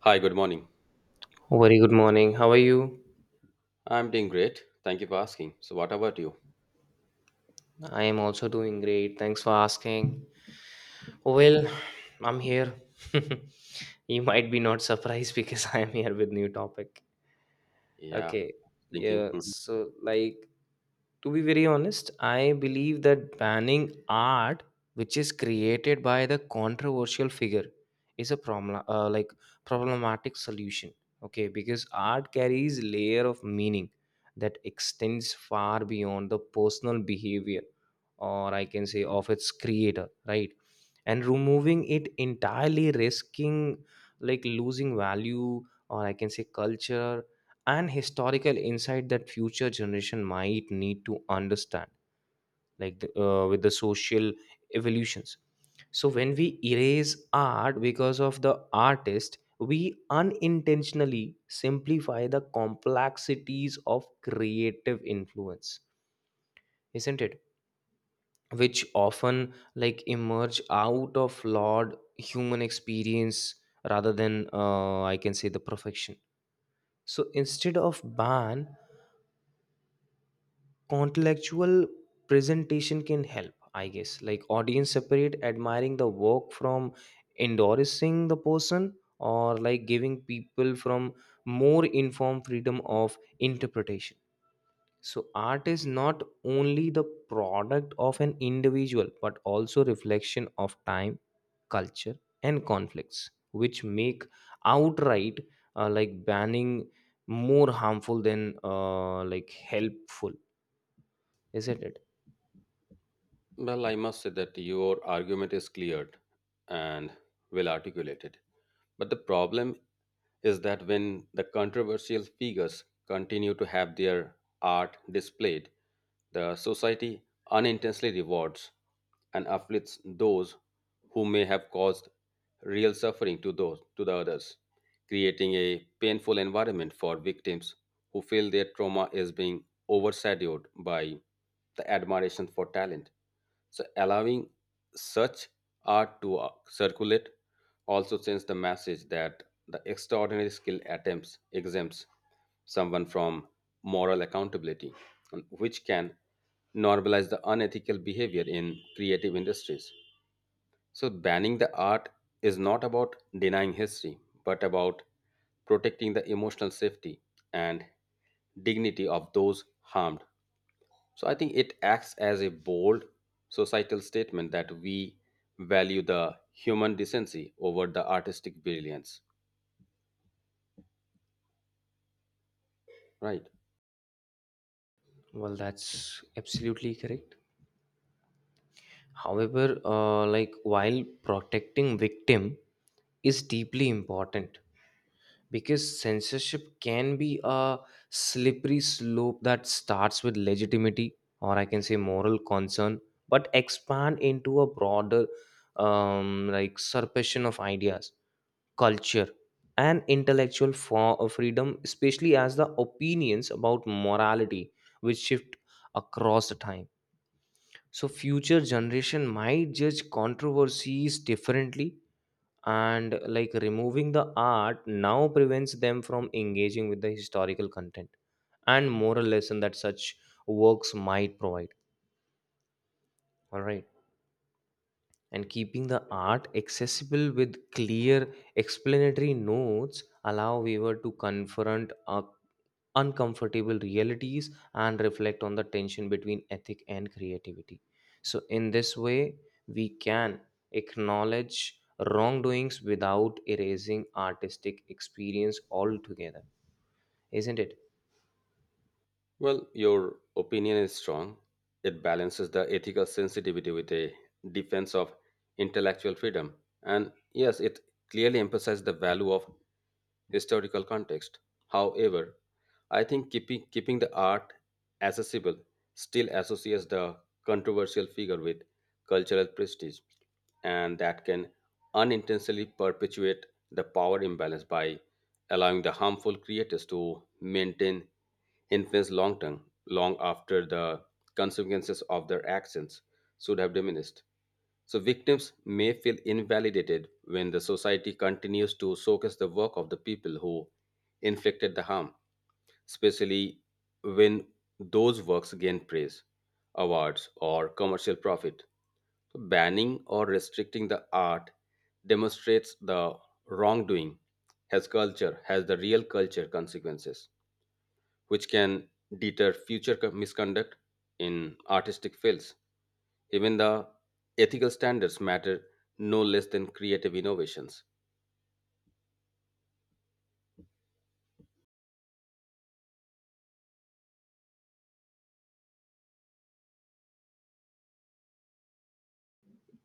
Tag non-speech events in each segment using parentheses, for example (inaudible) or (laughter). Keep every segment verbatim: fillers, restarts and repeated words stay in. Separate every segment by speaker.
Speaker 1: Hi, good morning.
Speaker 2: Very good morning. How are you?
Speaker 1: I'm doing great. Thank you for asking. So, what about you?
Speaker 2: I am also doing great. Thanks for asking. Well, I'm here. (laughs) you might be not surprised (laughs) because I am here with new topic.
Speaker 1: Yeah,
Speaker 2: Okay.
Speaker 1: thinking.
Speaker 2: Yeah,
Speaker 1: Hmm.
Speaker 2: so like to be very honest, I believe that banning art which is created by the controversial figure is a problem, uh, like problematic solution. Okay, because art carries layer of meaning that extends far beyond the personal behavior, or I can say of its creator, right? And removing it entirely risking like losing value, or I can say culture and historical insight that future generation might need to understand like the, uh, with the social evolutions. So when we erase art because of the artist, we unintentionally simplify the complexities of creative influence, isn't it, which often like emerge out of flawed human experience rather than uh, I can say the perfection. So instead of ban, contextual presentation can help I guess like audience separate admiring the work from endorsing the person, or like giving people from more informed freedom of interpretation. So art is not only the product of an individual but also reflection of time, culture, and conflicts which make outright uh, like banning more harmful than uh, like helpful, isn't it?
Speaker 1: Well, I must say that your argument is cleared and well articulated. But the problem is that when the controversial figures continue to have their art displayed, the society unintentionally rewards and afflicts those who may have caused real suffering to those to the others, creating a painful environment for victims who feel their trauma is being overshadowed by the admiration for talent. So allowing such art to uh, circulate also sends the message that the extraordinary skill attempts exempts someone from moral accountability, and which can normalize the unethical behavior in creative industries. So banning the art is not about denying history, but about protecting the emotional safety and dignity of those harmed, so I think it acts as a bold societal statement that we value the human decency over the artistic brilliance, right?
Speaker 2: Well, that's absolutely correct. However, uh, like while protecting victim is deeply important, because censorship can be a slippery slope that starts with legitimacy or I can say moral concern, but expand into a broader um, like suppression of ideas, culture, and intellectual for uh, freedom, especially as the opinions about morality which shift across the time. So future generation might judge controversies differently, and like removing the art now prevents them from engaging with the historical content and moral lesson that such works might provide, all right, and keeping the art accessible with clear explanatory notes allow viewer to confront a uncomfortable realities and reflect on the tension between ethic and creativity. So, in this way, we can acknowledge wrongdoings without erasing artistic experience altogether, isn't it?
Speaker 1: Well, your opinion is strong. It balances the ethical sensitivity with a defense of intellectual freedom. And yes, it clearly emphasizes the value of historical context. However, I think keeping, keeping the art accessible still associates the controversial figure with cultural prestige, and that can unintentionally perpetuate the power imbalance by allowing the harmful creators to maintain influence long term, long after the consequences of their actions should have diminished. So, victims may feel invalidated when the society continues to showcase the work of the people who inflicted the harm, especially when those works gain praise, awards, or commercial profit. So banning or restricting the art demonstrates the wrongdoing has culture, has the real culture consequences which can deter future co- misconduct in artistic fields. Even the ethical standards matter no less than creative innovations.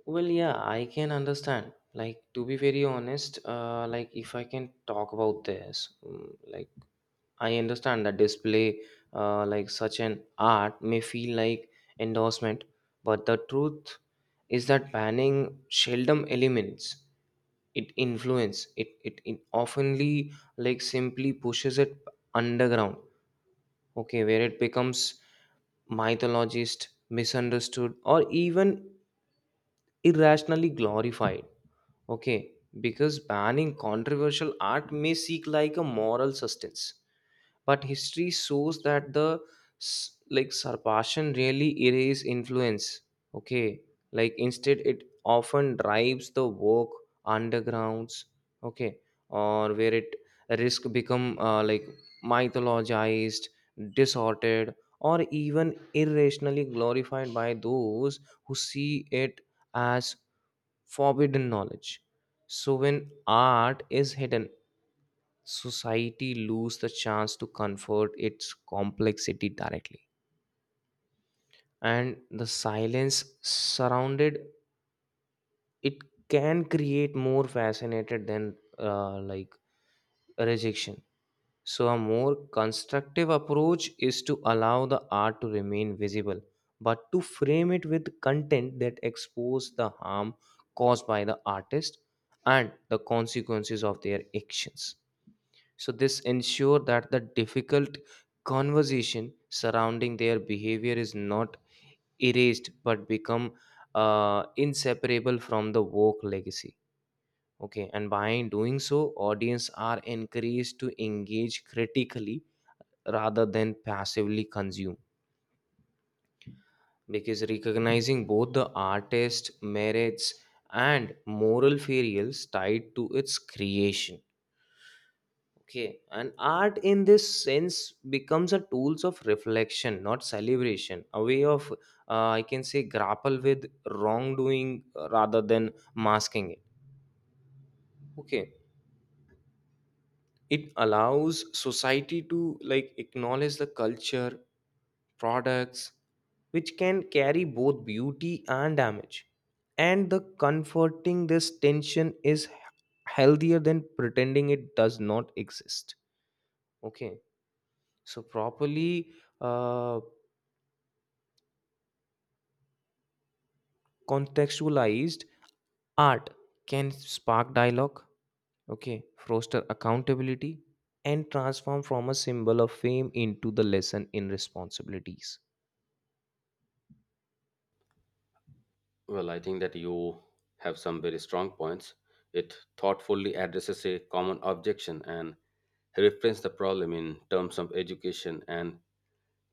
Speaker 2: Well, yeah, I can understand. Like, to be very honest, uh, like, if I can talk about this, mm, like, I understand that display, uh, like, such an art may feel like endorsement, but the truth is that banning seldom eliminates it influence it it, it oftenly like simply pushes it underground. Okay, where it becomes mythologized, misunderstood, or even irrationally glorified. Okay, because banning controversial art may seek like a moral sustenance, but history shows that the s- like Sarpasian really erase influence. Okay, like instead it often drives the work undergrounds. Okay, or where it risk become uh, like mythologized, distorted, or even irrationally glorified by those who see it as forbidden knowledge. So when art is hidden, society lose the chance to comfort its complexity directly. And the silence surrounded it can create more fascinated than uh, like rejection. So, a more constructive approach is to allow the art to remain visible, but to frame it with content that expose the harm caused by the artist and the consequences of their actions. So, this ensure that the difficult conversation surrounding their behavior is not erased but become uh, inseparable from the work legacy. Okay, and by doing so, audience are encouraged to engage critically rather than passively consume, because recognizing both the artist merits and moral failures tied to its creation. Okay, and art in this sense becomes a tools of reflection not celebration, a way of uh, I can say grapple with wrongdoing, uh, rather than masking it. Okay, it allows society to like acknowledge the culture products which can carry both beauty and damage. And the comforting this tension is healthier than pretending it does not exist. Okay, so properly uh, contextualized art can spark dialogue, okay, foster accountability, and transform from a symbol of fame into the lesson in responsibilities.
Speaker 1: Well, I think that you have some very strong points. It thoughtfully addresses a common objection and reframes the problem in terms of education and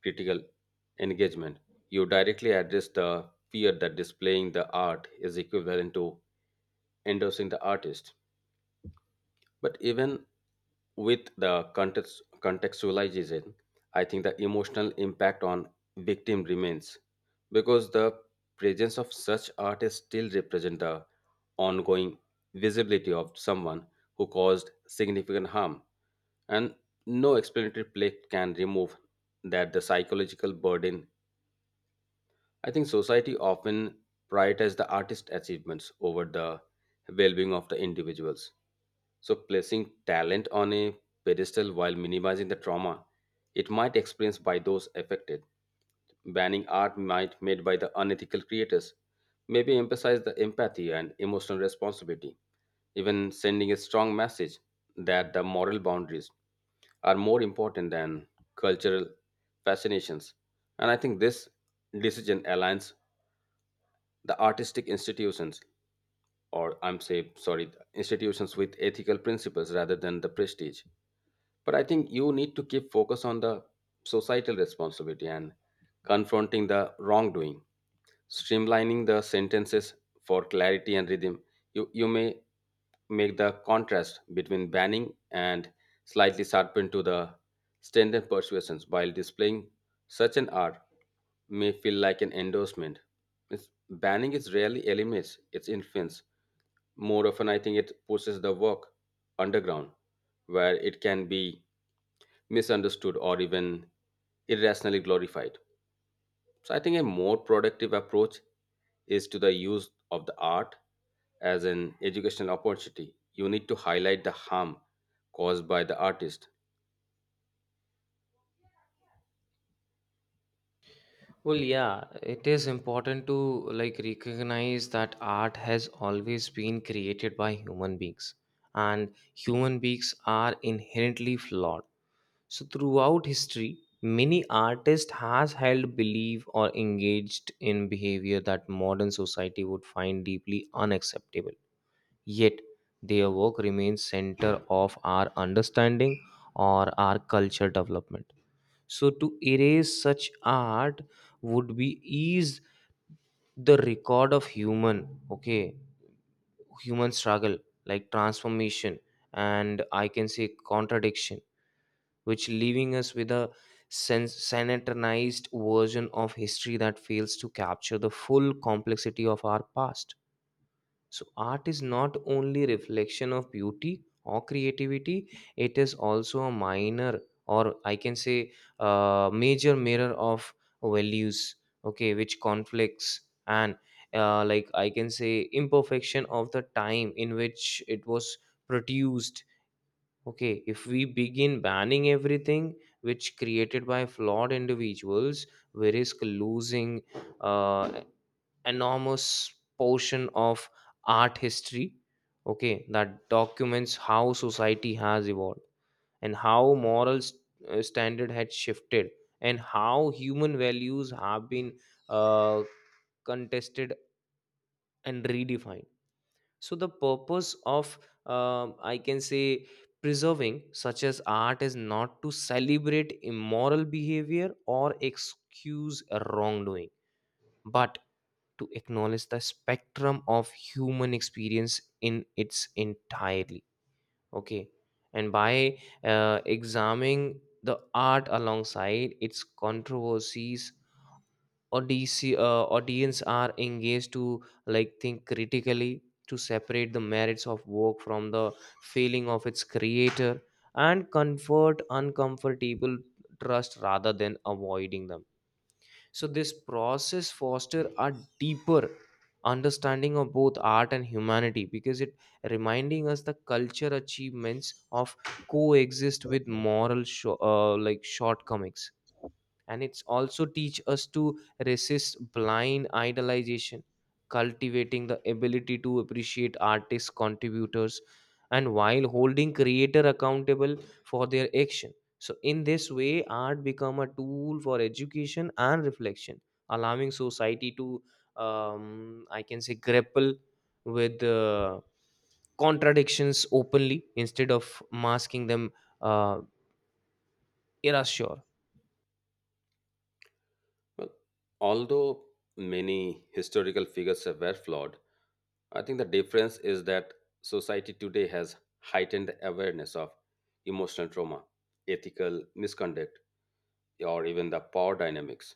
Speaker 1: critical engagement. You directly address the fear that displaying the art is equivalent to endorsing the artist. But even with the context, contextualization, I think the emotional impact on victim remains because the presence of such artists still represent the ongoing visibility of someone who caused significant harm, and no explanatory plate can remove that the psychological burden. I think society often prioritizes the artist achievements over the well-being of the individuals. So placing talent on a pedestal while minimizing the trauma it might experience by those affected. Banning art might made by the unethical creators maybe emphasize the empathy and emotional responsibility, even sending a strong message that the moral boundaries are more important than cultural fascinations. And I think this decision aligns the artistic institutions or I'm say sorry institutions with ethical principles rather than the prestige, but I think you need to keep focus on the societal responsibility and confronting the wrongdoing, streamlining the sentences for clarity and rhythm. You, you may make the contrast between banning and slightly sharpen to the standard persuasions while displaying such an art may feel like an endorsement. It's, banning is rarely eliminates its influence. More often, I think it pushes the work underground where it can be misunderstood or even irrationally glorified. So I think a more productive approach is to the use of the art as an educational opportunity. You need to highlight the harm caused by the artist.
Speaker 2: Well, yeah, it is important to like recognize that art has always been created by human beings, and human beings are inherently flawed. So, throughout history, many artists has held belief or engaged in behavior that modern society would find deeply unacceptable. Yet, their work remains center of our understanding or our culture development. So to erase such art would be ease the record of human, okay, human struggle, like transformation and I can say contradiction, which leaving us with a sen- sanitized version of history that fails to capture the full complexity of our past. So art is not only reflection of beauty or creativity, it is also a minor or I can say a major mirror of values, okay, which conflicts and uh, like I can say imperfection of the time in which it was produced. Okay, if we begin banning everything which created by flawed individuals, we risk losing uh, enormous portion of art history. Okay, that documents how society has evolved and how moral st- uh, standard had shifted and how human values have been uh, contested and redefined. So the purpose of um, I can say preserving such as art is not to celebrate immoral behavior or excuse a wrongdoing but to acknowledge the spectrum of human experience in its entirely. Okay, and by uh, examining the art alongside its controversies, audience, uh, audience are engaged to like think critically, to separate the merits of work from the feeling of its creator and comfort uncomfortable trust rather than avoiding them. So this process foster a deeper understanding of both art and humanity, because it reminding us the culture achievements of coexist with moral sho- uh, like shortcomings, and it's also teach us to resist blind idolization, cultivating the ability to appreciate artists contributors and while holding creator accountable for their action. So in this way art become a tool for education and reflection, allowing society to um, I can say grapple with uh, contradictions openly instead of masking them, uh, erasure.
Speaker 1: Well, although many historical figures were flawed, I think the difference is that society today has heightened the awareness of emotional trauma, ethical misconduct, or even the power dynamics.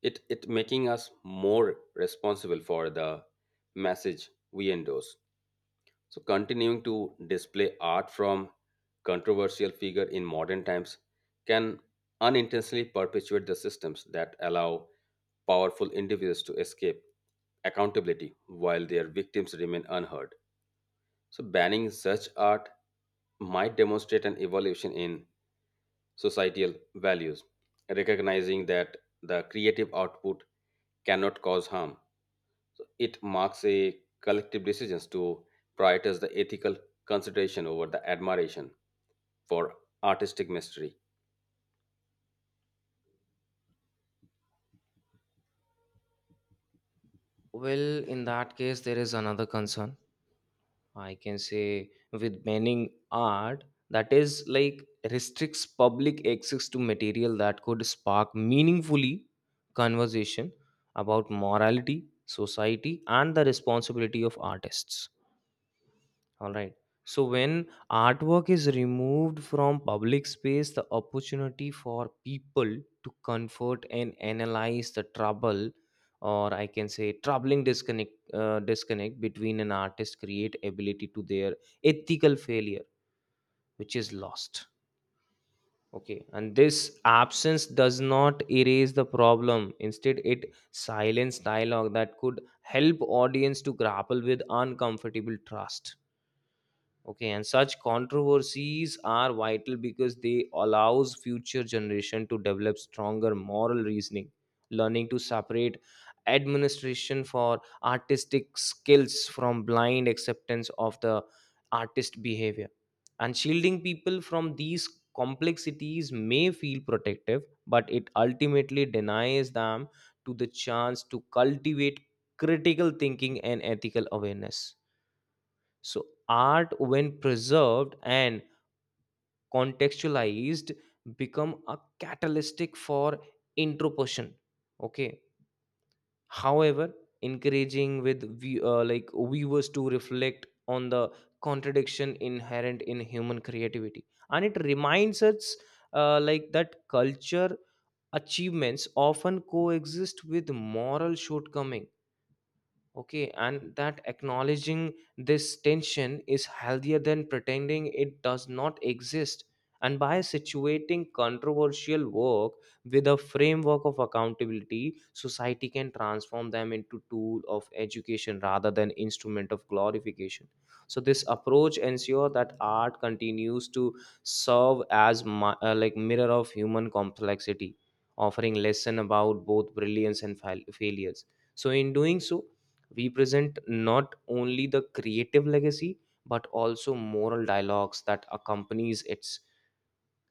Speaker 1: It it making us more responsible for the message we endorse. So, continuing to display art from controversial figure in modern times can unintentionally perpetuate the systems that allow powerful individuals to escape accountability while their victims remain unheard. So, banning such art might demonstrate an evolution in societal values, recognizing that the creative output cannot cause harm, so it marks a collective decisions to prioritize the ethical consideration over the admiration for artistic mastery.
Speaker 2: Well, in that case, there is another concern. I can say with banning art that is like restricts public access to material that could spark meaningfully conversation about morality, society, and the responsibility of artists. All right. So when artwork is removed from public space, the opportunity for people to comfort and analyze the trouble, or I can say troubling disconnect, uh, disconnect between an artist create ability to their ethical failure, which is lost. Okay, and this absence does not erase the problem. Instead, it silence dialogue that could help audience to grapple with uncomfortable trust. Okay, and such controversies are vital because they allows future generation to develop stronger moral reasoning, learning to separate administration for artistic skills from blind acceptance of the artist behavior. And shielding people from these complexities may feel protective, but it ultimately denies them to the chance to cultivate critical thinking and ethical awareness. So art, when preserved and contextualized, become a catalytic for introspection. Okay. However, encouraging with view- uh, like viewers to reflect on the contradiction inherent in human creativity, and it reminds us uh, like that culture achievements often coexist with moral shortcoming. Okay, and that acknowledging this tension is healthier than pretending it does not exist. And by situating controversial work with a framework of accountability, society can transform them into tool of education rather than instrument of glorification. So this approach ensures that art continues to serve as mi- uh, like mirror of human complexity, offering lesson about both brilliance and fail- failures. So in doing so, we present not only the creative legacy but also moral dialogues that accompanies its,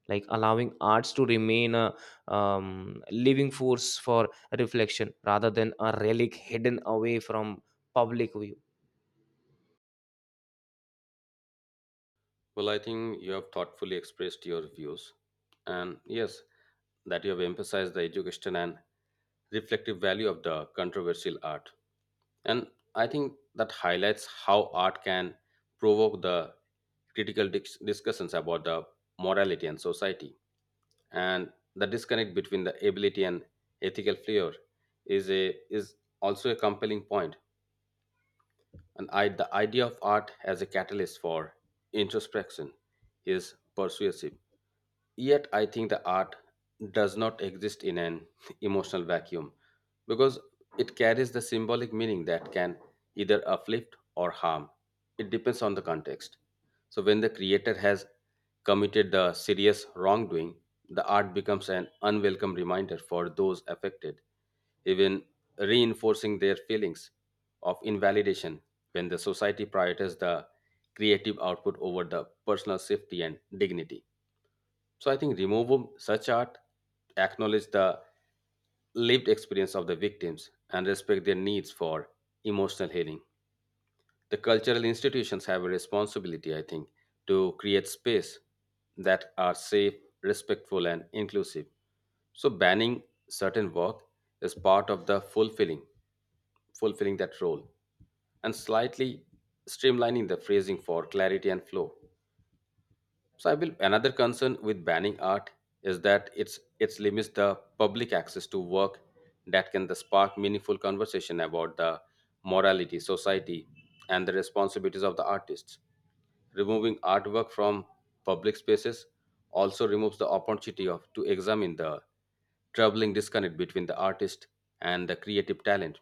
Speaker 2: like allowing arts to remain a um, living force for reflection rather than a relic hidden away from public view.
Speaker 1: Well, I think you have thoughtfully expressed your views, and yes, that you have emphasized the education and reflective value of the controversial art. And I think that highlights how art can provoke the critical dis- discussions about the morality and society. And the disconnect between the ability and ethical flair is a is also a compelling point point. And I, the idea of art as a catalyst for introspection is persuasive. Yet, I think the art does not exist in an (laughs) emotional vacuum because it carries the symbolic meaning that can either uplift or harm. It depends on the context. So, when the creator has committed the serious wrongdoing, the art becomes an unwelcome reminder for those affected, even reinforcing their feelings of invalidation when the society prioritizes the creative output over the personal safety and dignity. So I think remove such art, acknowledge the lived experience of the victims, and respect their needs for emotional healing. The cultural institutions have a responsibility, I think, to create space that are safe, respectful, and inclusive. So banning certain work is part of the fulfilling, fulfilling that role, and slightly streamlining the phrasing for clarity and flow. So I will another concern with banning art is that it's it's limits the public access to work that can the spark meaningful conversation about the morality, society, and the responsibilities of the artists. Removing artwork from public spaces also removes the opportunity of to examine the troubling disconnect between the artist and the creative talent,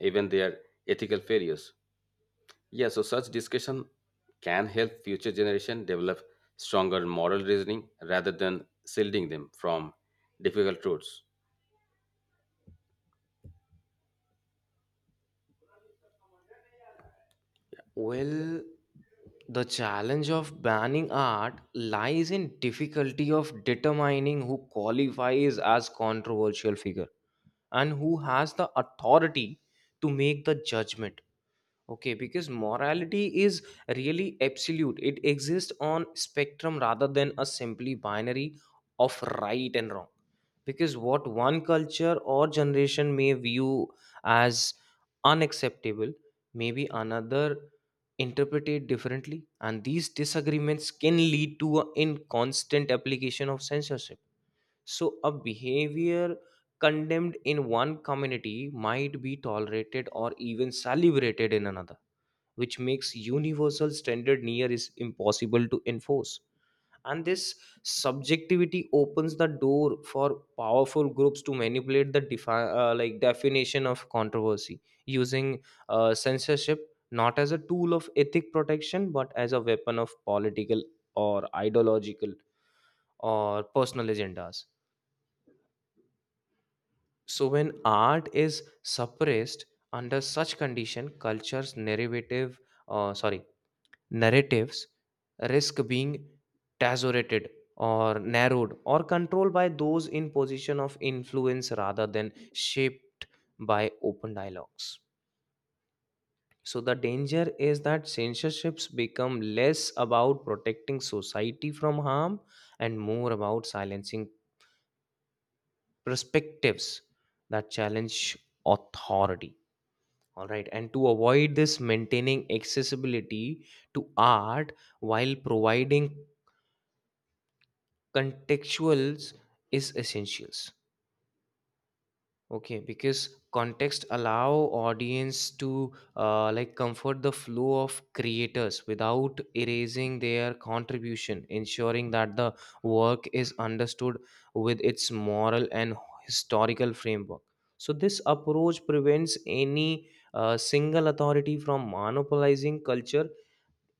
Speaker 1: even their ethical failures. Yeah, so such discussion can help future generation develop stronger moral reasoning rather than shielding them from difficult truths.
Speaker 2: Well, the challenge of banning art lies in difficulty of determining who qualifies as controversial figure and who has the authority to make the judgment. Okay, because morality is really absolute. It exists on spectrum rather than a simply binary of right and wrong. Because what one culture or generation may view as unacceptable, maybe another interpret it differently. And these disagreements can lead to a in constant application of censorship. So a behavior condemned in one community might be tolerated or even celebrated in another, which makes universal standard near is impossible to enforce. And this subjectivity opens the door for powerful groups to manipulate the defi- uh, like definition of controversy, using uh, censorship not as a tool of ethic protection but as a weapon of political or ideological or personal agendas. So when art is suppressed under such condition, culture's narrative uh, sorry narratives risk being tazorated or narrowed or controlled by those in position of influence rather than shaped by open dialogues. So the danger is that censorships become less about protecting society from harm and more about silencing perspectives that challenge authority, all right, and to avoid this, maintaining accessibility to art while providing contextuals is essentials. Okay, because context allow audience to uh, like comfort the flow of creators without erasing their contribution, ensuring that the work is understood with its moral and historical framework. So this approach prevents any uh, single authority from monopolizing culture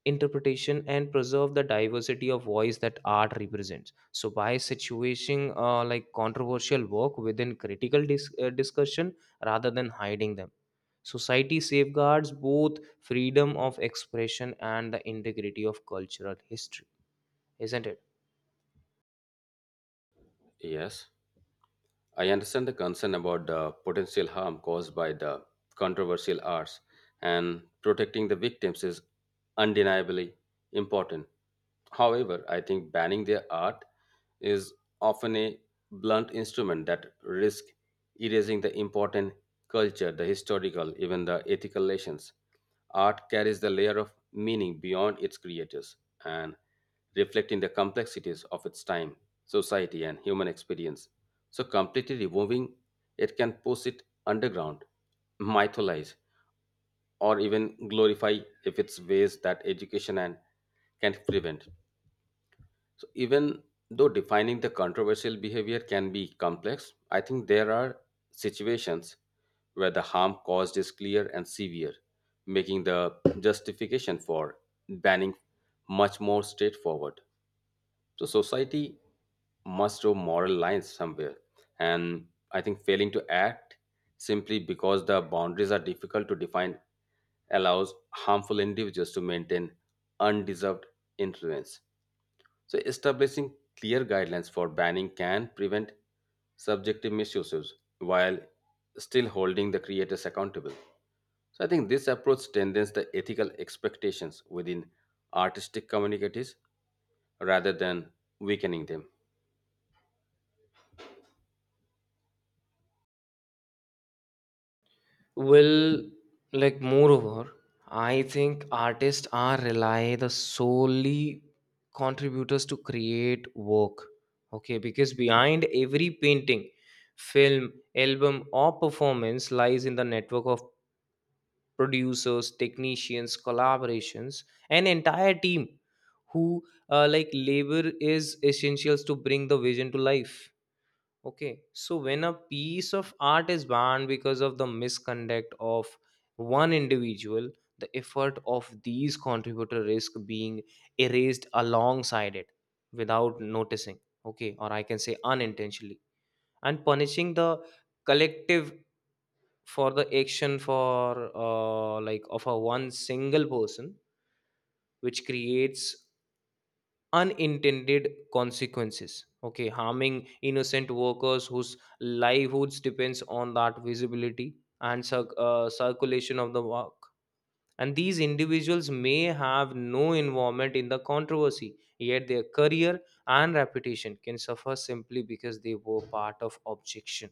Speaker 2: interpretation and preserve the diversity of voice that art represents. So by situating uh, like controversial work within critical dis- uh, discussion rather than hiding them, society safeguards both freedom of expression and the integrity of cultural history, isn't it?
Speaker 1: Yes, I understand the concern about the potential harm caused by the controversial arts, and protecting the victims is undeniably important. However, I think banning their art is often a blunt instrument that risks erasing the important culture, the historical, even the ethical lessons. Art carries the layer of meaning beyond its creators and reflecting the complexities of its time, society, and human experience. So, completely removing it can push it underground, mythologize, or even glorify if it's ways that education and can prevent. So even though defining the controversial behavior can be complex, I think there are situations where the harm caused is clear and severe, making the justification for banning much more straightforward. So society must draw moral lines somewhere, and I think failing to act simply because the boundaries are difficult to define allows harmful individuals to maintain undeserved influence. So, establishing clear guidelines for banning can prevent subjective misuses while still holding the creators accountable. So, I think this approach strengthens the ethical expectations within artistic communities rather than weakening them.
Speaker 2: Well, like moreover, I think artists are rely the solely contributors to create work. Okay, because behind every painting, film, album, or performance lies in the network of producers, technicians, collaborations, an entire team who uh, like labor is essentials to bring the vision to life. Okay, so when a piece of art is banned because of the misconduct of one individual, the effort of these contributors risk being erased alongside it without noticing. Okay, or I can say unintentionally, and punishing the collective for the action for uh, like of a one single person, which creates unintended consequences, okay, harming innocent workers whose livelihoods depends on that visibility and circ uh, circulation of the work. And these individuals may have no involvement in the controversy yet their career and reputation can suffer simply because they were part of objection.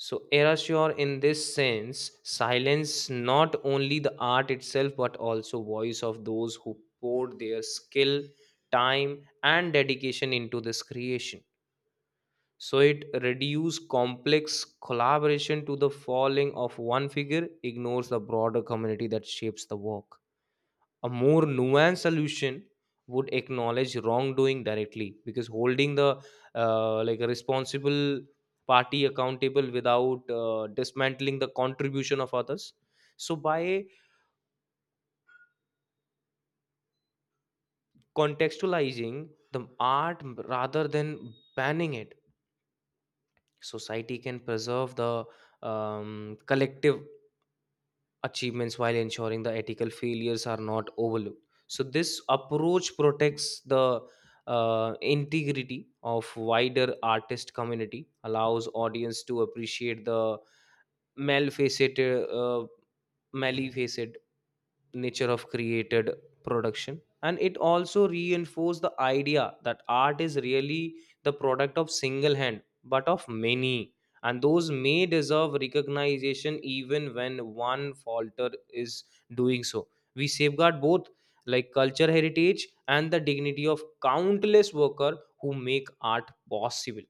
Speaker 2: So, erasure in this sense silence not only the art itself but also voice of those who poured their skill, time, and dedication into this creation. So it reduces complex collaboration to the falling of one figure, ignores the broader community that shapes the work. A more nuanced solution would acknowledge wrongdoing directly, because holding the uh, like a responsible party accountable without uh, dismantling the contribution of others. So by contextualizing the art rather than banning it, society can preserve the um, collective achievements while ensuring the ethical failures are not overlooked. So, this approach protects the uh, integrity of wider artist community, allows audience to appreciate the malfaceted, uh, maleficent nature of created production, and it also reinforced the idea that art is really the product of single hand but of many, and those may deserve recognition even when one falter is doing so. We safeguard both like culture heritage and the dignity of countless worker who make art possible.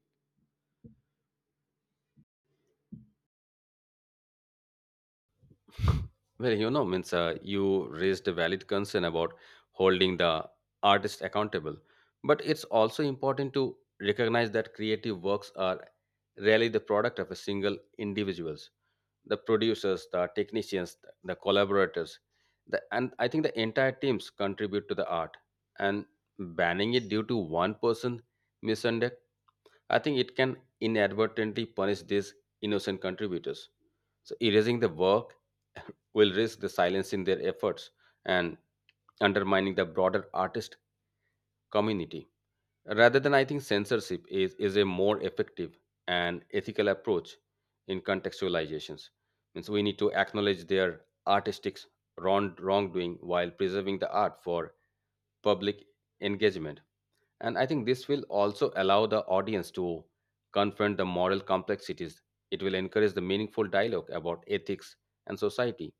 Speaker 1: Well, you know, means uh, you raised a valid concern about holding the artist accountable, but it's also important to recognize that creative works are rarely the product of a single individuals. The producers, the technicians, the collaborators, the, and I think the entire teams contribute to the art. And banning it due to one person misconduct, I think it can inadvertently punish these innocent contributors. So erasing the work (laughs) will risk the silencing their efforts and undermining the broader artist community. Rather than I think censorship is, is a more effective and ethical approach in contextualizations. Means we need to acknowledge their artistic wrong, wrongdoing while preserving the art for public engagement. And I think this will also allow the audience to confront the moral complexities. It will encourage the meaningful dialogue about ethics and society,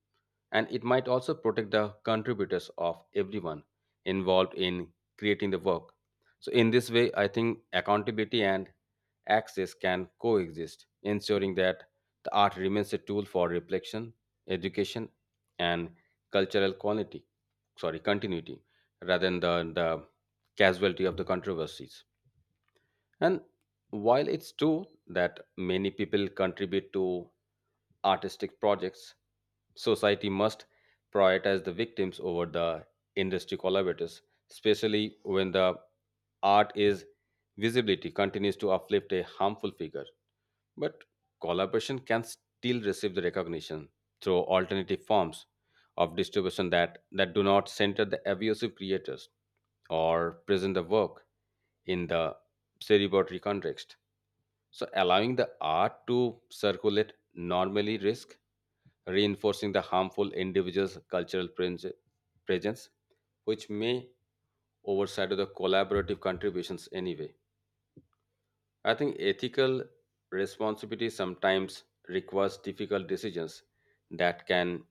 Speaker 1: and it might also protect the contributors of everyone involved in creating the work. So, in this way, I think accountability and access can coexist, ensuring that the art remains a tool for reflection, education, and cultural quality, sorry, continuity, rather than the, the casualty of the controversies. And while it's true that many people contribute to artistic projects, society must prioritize the victims over the industry collaborators, especially when the art is visibility continues to uplift a harmful figure. But collaboration can still receive the recognition through alternative forms of distribution that, that do not center the abusive creators or present the work in the celebratory context. So allowing the art to circulate normally risk reinforcing the harmful individual's cultural pres- presence, which may overshadow the collaborative contributions anyway. I think ethical responsibility sometimes requires difficult decisions that can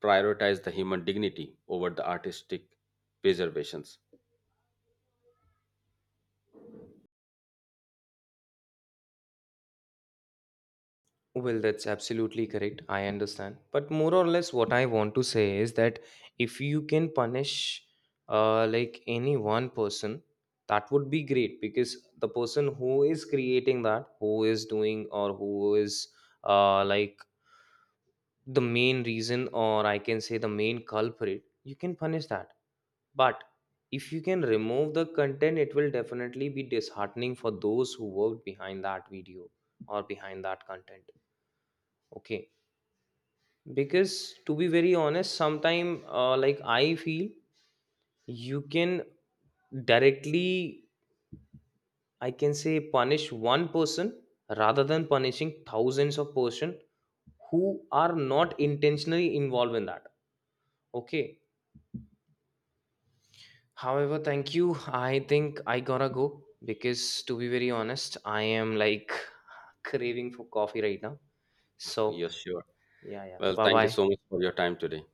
Speaker 1: prioritize the human dignity over the artistic preservations.
Speaker 2: Well, that's absolutely correct. I understand. But more or less, what I want to say is that if you can punish uh, like any one person, that would be great because the person who is creating that, who is doing, or who is uh, like the main reason, or I can say the main culprit, you can punish that. But if you can remove the content, it will definitely be disheartening for those who worked behind that video or behind that content. Okay, because to be very honest sometime uh, like I feel you can directly I can say punish one person rather than punishing thousands of person who are not intentionally involved in that. Okay, however, thank you. I think I gotta go because to be very honest I am like (laughs) craving for coffee right now, so
Speaker 1: Yes, sure.
Speaker 2: yeah, yeah,
Speaker 1: Well,
Speaker 2: bye
Speaker 1: thank you
Speaker 2: bye.
Speaker 1: so much for your time today.